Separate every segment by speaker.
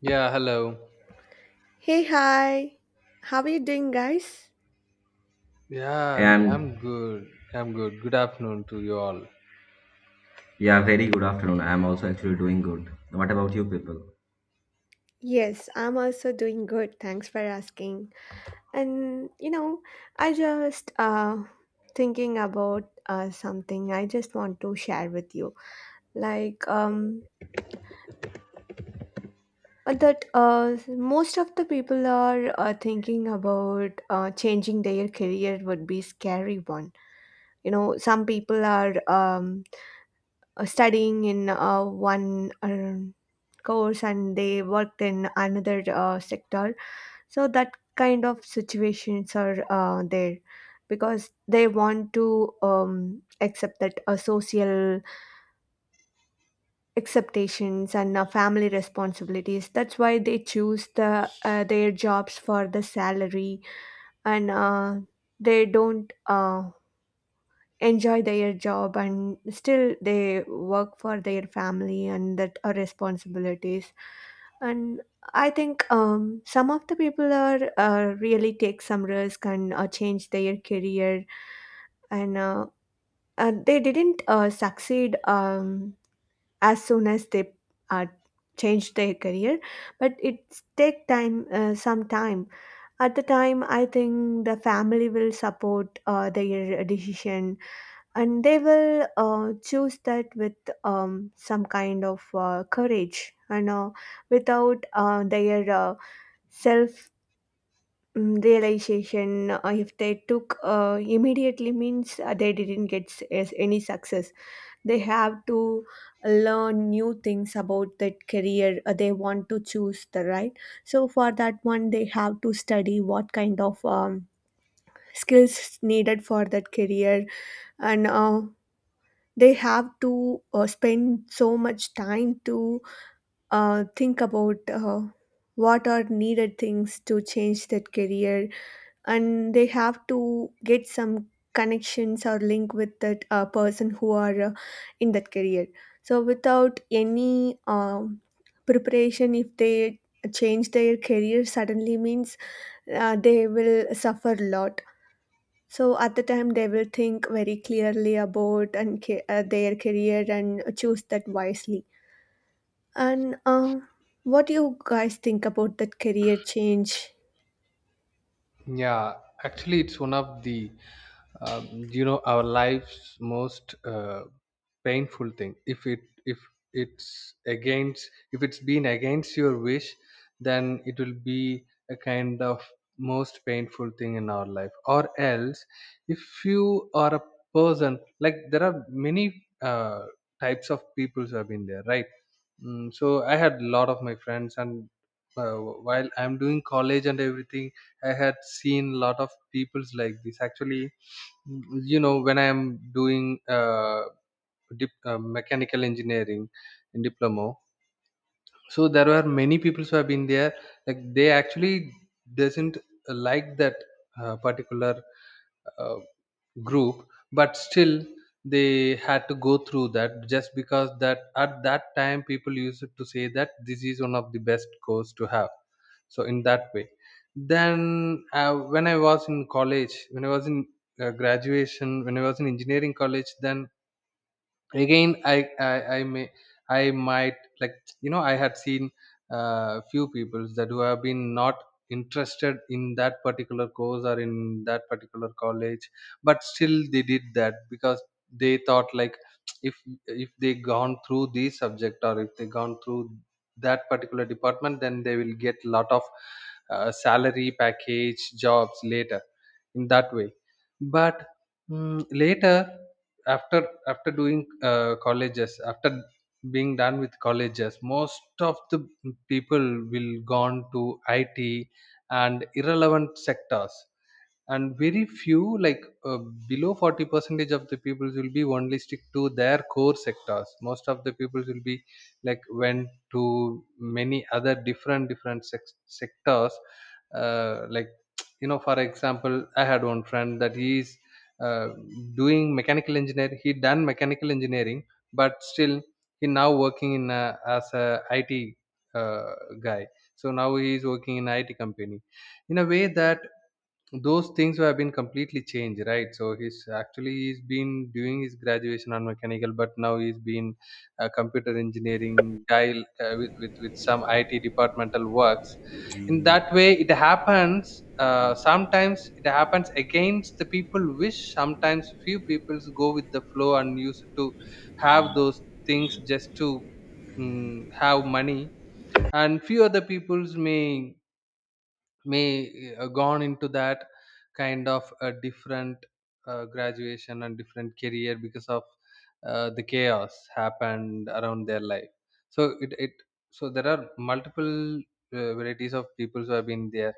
Speaker 1: Yeah, hello.
Speaker 2: Hey, hi. How are you doing, guys?
Speaker 1: Yeah, I'm
Speaker 3: And
Speaker 1: I'm good. I'm good. Good afternoon to you all.
Speaker 3: yeah, very good afternoon. I'm also actually doing good. What about you people?
Speaker 2: Yes, I'm also doing good. Thanks for asking. And you know, I just thinking about something I just want to share with you. Like um that most of the people are thinking about changing their career would be scary one. You know, some people are studying in one course and they worked in another sector, so that kind of situations are there because they want to accept that social acceptations and family responsibilities. That's why they choose the their jobs for the salary, and they don't enjoy their job and still they work for their family and that are responsibilities. And I think some of the people are really take some risk and change their career, and they didn't succeed as soon as they uh, changed their career, but it take time, some time. At the time I think the family will support their decision and they will choose that with some kind of courage and without their self realization. If they took immediately means they didn't as any success, they have to learn new things about that career they want to choose the right. So for that one they have to study what kind of skills needed for that career, and they have to spend so much time to think about what are needed things to change that career, and they have to get some connections or link with that person who are in that career. So without any preparation if they change their career suddenly means they will suffer a lot. So at the time, they will think very clearly about their career and choose that wisely. And what do you guys think about that career change?
Speaker 1: Yeah, actually, it's one of the you know, our life's most painful thing. If it's against if it's been against your wish, then it will be a kind of most painful thing in our life. Or else, if you are a person, like, there are many types of peoples have been there, right? Mm, so I had a lot of my friends, and while I'm doing college and everything. I had seen lot of peoples like this. Actually, mm, you know, when I am doing mechanical engineering in diploma, so there were many people who have been there. Like, they actually doesn't like that particular uh, group, but still they had to go through that just because that at that time people used to say that this is one of the best course to have. So in that way, then when I was in college, when I was in graduation, when I was in engineering college, then again I might, like, you know, I had seen few people that who have been not interested in that particular course or in that particular college, but still they did that because they thought like if if they gone through this subject, or if they gone through that particular department, then they will get lot of salary package jobs later, in that way. But mm, later, after doing colleges, after being done with colleges, most of the people will gone to IT and irrelevant sectors, and very few, like below 40 percentage of the people will be only stick to their core sectors. Most of the people will be, like, went to many other different sectors. Like, you know, for example, I had one friend that he is uh, doing mechanical engineering, he done mechanical engineering, but still he now working in as a IT uh, guy. So now he is working in IT company, in a way that those things have been completely changed, right? So he's actually, he's been doing his graduation on mechanical, but now he's been a computer engineering guy with some IT departmental works. In that way it happens. Sometimes it happens against the people wish. Sometimes few peoples go with the flow and used to have those things just to mm, have money. And few other peoples may gone into that kind of a different graduation and different career because of the chaos happened around their life. So it so there are multiple varieties of people who have been there,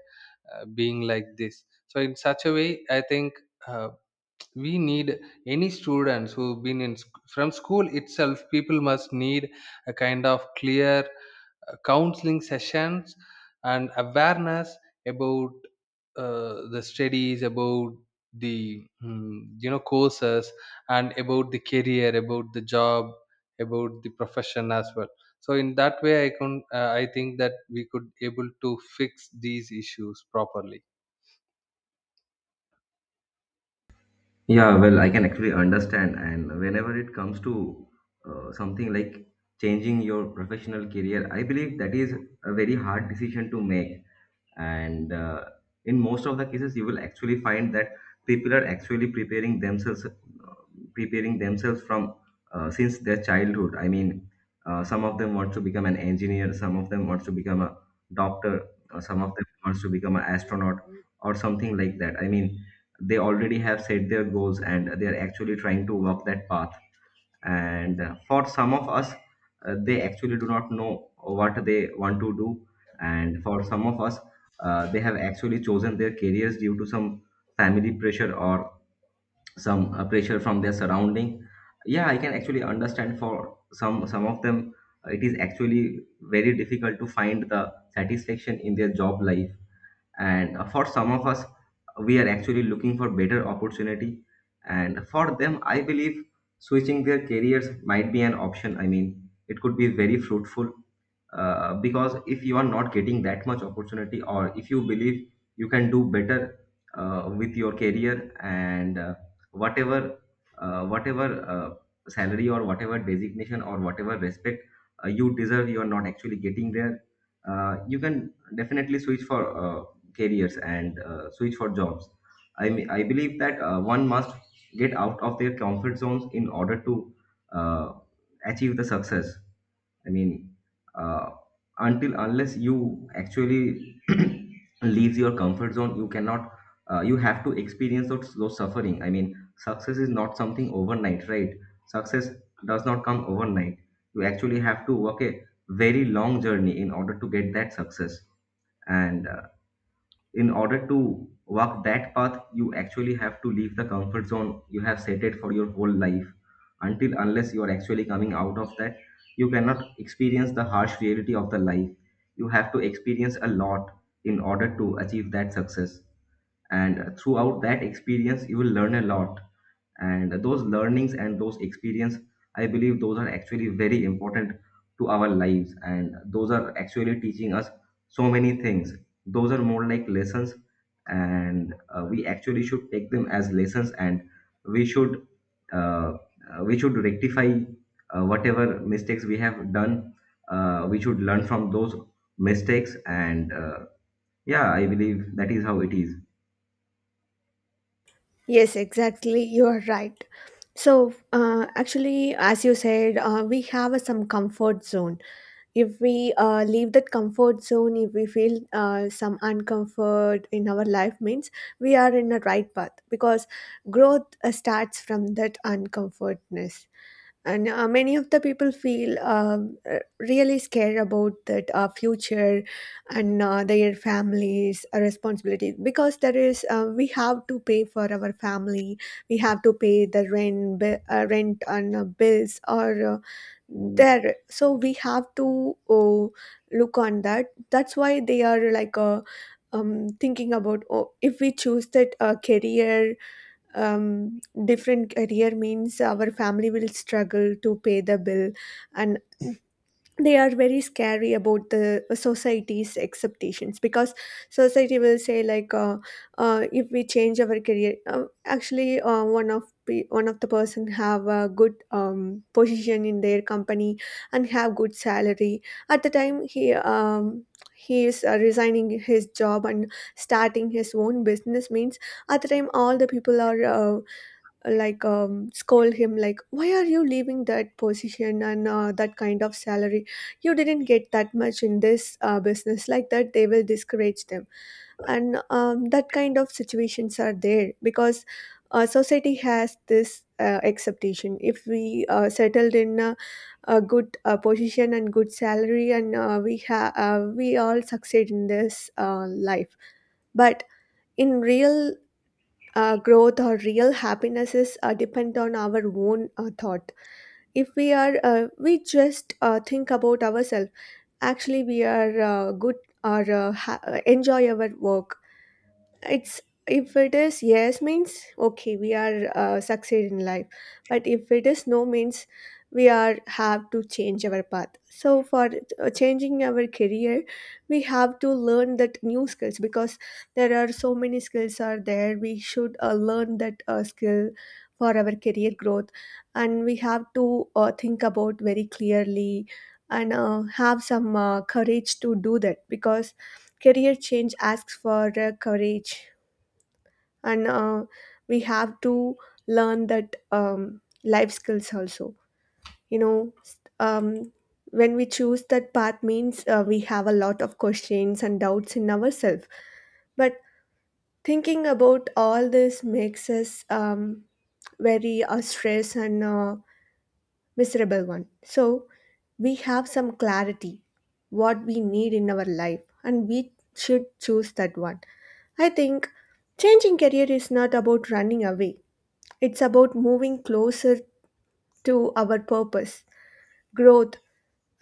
Speaker 1: being like this. So in such a way, I think uh, we need any students who've been in from school itself, people must need a kind of clear counseling sessions and awareness about the studies, about the mm, you know, courses, and about the career, about the job, about the profession as well. So in that way I can, I think that we could able to fix these issues properly.
Speaker 3: Yeah, well, I can actually understand. And whenever it comes to something like changing your professional career, I believe that is a very hard decision to make. And in most of the cases you will actually find that people are actually preparing themselves from since their childhood. I mean, some of them want to become an engineer, some of them wants to become a doctor, or some of them wants to become an astronaut or something like that. I mean, they already have set their goals and they are actually trying to walk that path. And for some of us, they actually do not know what they want to do. And for some of us, they have actually chosen their careers due to some family pressure or some pressure from their surrounding. Yeah, I can actually understand for some of them it is actually very difficult to find the satisfaction in their job life. And for some of us, we are actually looking for better opportunity, and for them I believe switching their careers might be an option. I mean, it could be very fruitful, because if you are not getting that much opportunity, or if you believe you can do better with your career, and whatever whatever salary or whatever designation or whatever respect you deserve, you are not actually getting there. You can definitely switch for careers and switch for jobs. I mean, I believe that one must get out of their comfort zones in order to uh, achieve the success. I mean, uh, until unless you actually leaves your comfort zone, you cannot. You have to experience those suffering. I mean, success is not something overnight, right? Success does not come overnight. You actually have to work a very long journey in order to get that success. And in order to walk that path, you actually have to leave the comfort zone you have set it for your whole life. Until unless you are actually coming out of that, you cannot experience the harsh reality of the life. You have to experience a lot in order to achieve that success, and throughout that experience you will learn a lot. And those learnings and those experience, I believe those are actually very important to our lives, and those are actually teaching us so many things. Those are more like lessons, and we actually should take them as lessons. And we should uh, we should rectify whatever mistakes we have done. We should learn from those mistakes, and yeah, I believe that is how it is.
Speaker 2: Yes, exactly. You are right. So actually, as you said, we have a, some comfort zone. If we leave that comfort zone, if we feel some uncomfort in our life, means we are in the right path because growth starts from that uncomfortness, and many of the people feel really scared about that future, and their families responsibility because there is we have to pay for our family, we have to pay the rent and bills or there. So we have to look on that. That's why they are like thinking about, oh, if we choose that career, different career means our family will struggle to pay the bill. And they are very scary about the society's acceptations because society will say like if we change our career, actually, one of the person have a good position in their company and have good salary. At the time he is resigning his job and starting his own business means, at the time all the people are scold him, like, why are you leaving that position and that kind of salary? You didn't get that much in this business, like that they will discourage them. And that kind of situations are there because society has this expectation if we settled in a good position and good salary and we all succeed in this life. But in real growth or real happiness depend on our own thought. If we are we just think about ourselves, actually we are good or enjoy our work. It's, if it is yes means, okay, we are succeed in life. But if it is no means, we are have to change our path. So for changing our career we have to learn that new skills because there are so many skills are there, we should learn that skill for our career growth. And we have to think about very clearly and have some courage to do that because career change asks for courage. And we have to learn that life skills also. you know s- um, when we choose that path means we have a lot of questions and doubts in ourselves, but thinking about all this makes us very stressed and miserable one. So we have some clarity what we need in our life and we should choose that one. I think changing career is not about running away. It's about moving closer to our purpose, growth,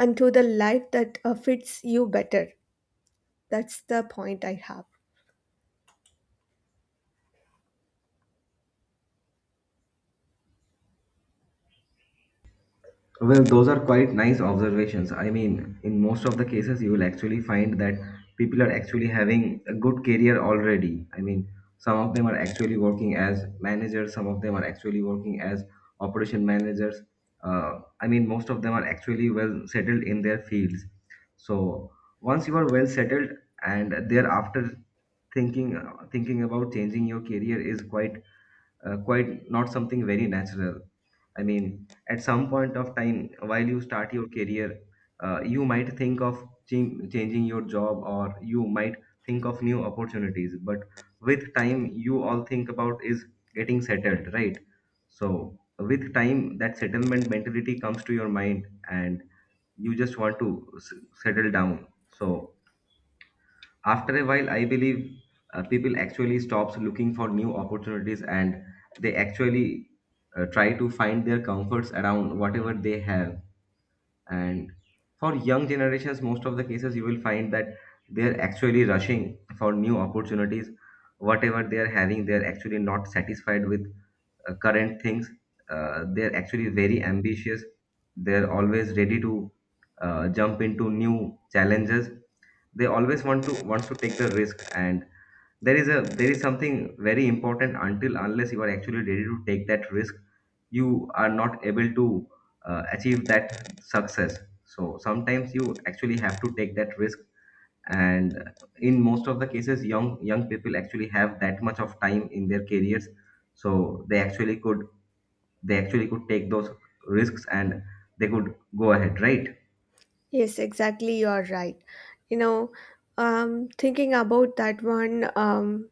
Speaker 2: and to the life that fits you better. That's the point I have.
Speaker 3: Well, those are quite nice observations. I mean, in most of the cases, you will actually find that people are actually having a good career already. I mean, some of them are actually working as managers, some of them are actually working as operation managers. I mean, most of them are actually well settled in their fields. So once you are well settled, and thereafter thinking thinking about changing your career is quite quite not something very natural. I mean, at some point of time, while you start your career, you might think of changing your job, or you might think of new opportunities. But with time, you all think about is getting settled, right? So with time, that settlement mentality comes to your mind, and you just want to s- settle down. So after a while I believe people actually stops looking for new opportunities, and they actually try to find their comforts around whatever they have. And for young generations, most of the cases you will find that they're actually rushing for new opportunities. Whatever they are having, they're actually not satisfied with current things. They're actually very ambitious. They're always ready to jump into new challenges. They always want to wants to take the risk. And there is something very important. Until unless you are actually ready to take that risk, you are not able to achieve that success. So sometimes you actually have to take that risk. And in most of the cases, young people actually have that much of time in their careers, so they actually could take those risks, and they could go ahead, right?
Speaker 2: Yes, exactly. You are right. You know, thinking about that one.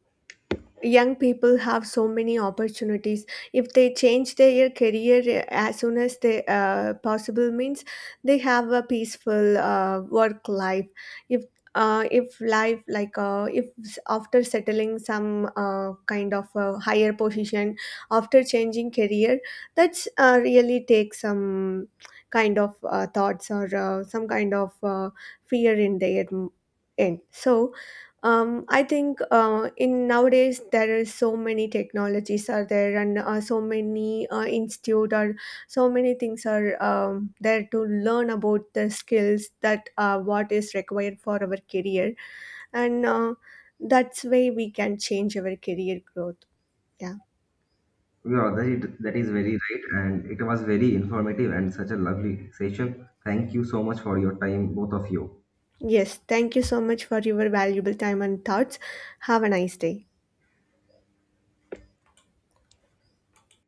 Speaker 2: Young people have so many opportunities. If they change their career as soon as they possible means, they have a peaceful work life. if if life like if s- after settling some kind of a higher position after changing career, that's really take some kind of thoughts or some kind of fear in their m- end. So I think in nowadays there is so many technologies are there, and so many institute or so many things are there to learn about the skills that what is required for our career, and that's way we can change our career growth. Yeah.
Speaker 3: Yeah, that is very right, and it was very informative and such a lovely session. Thank you so much for your time, both of you.
Speaker 2: Yes. Thank you so much for your valuable time and thoughts. Have a nice day.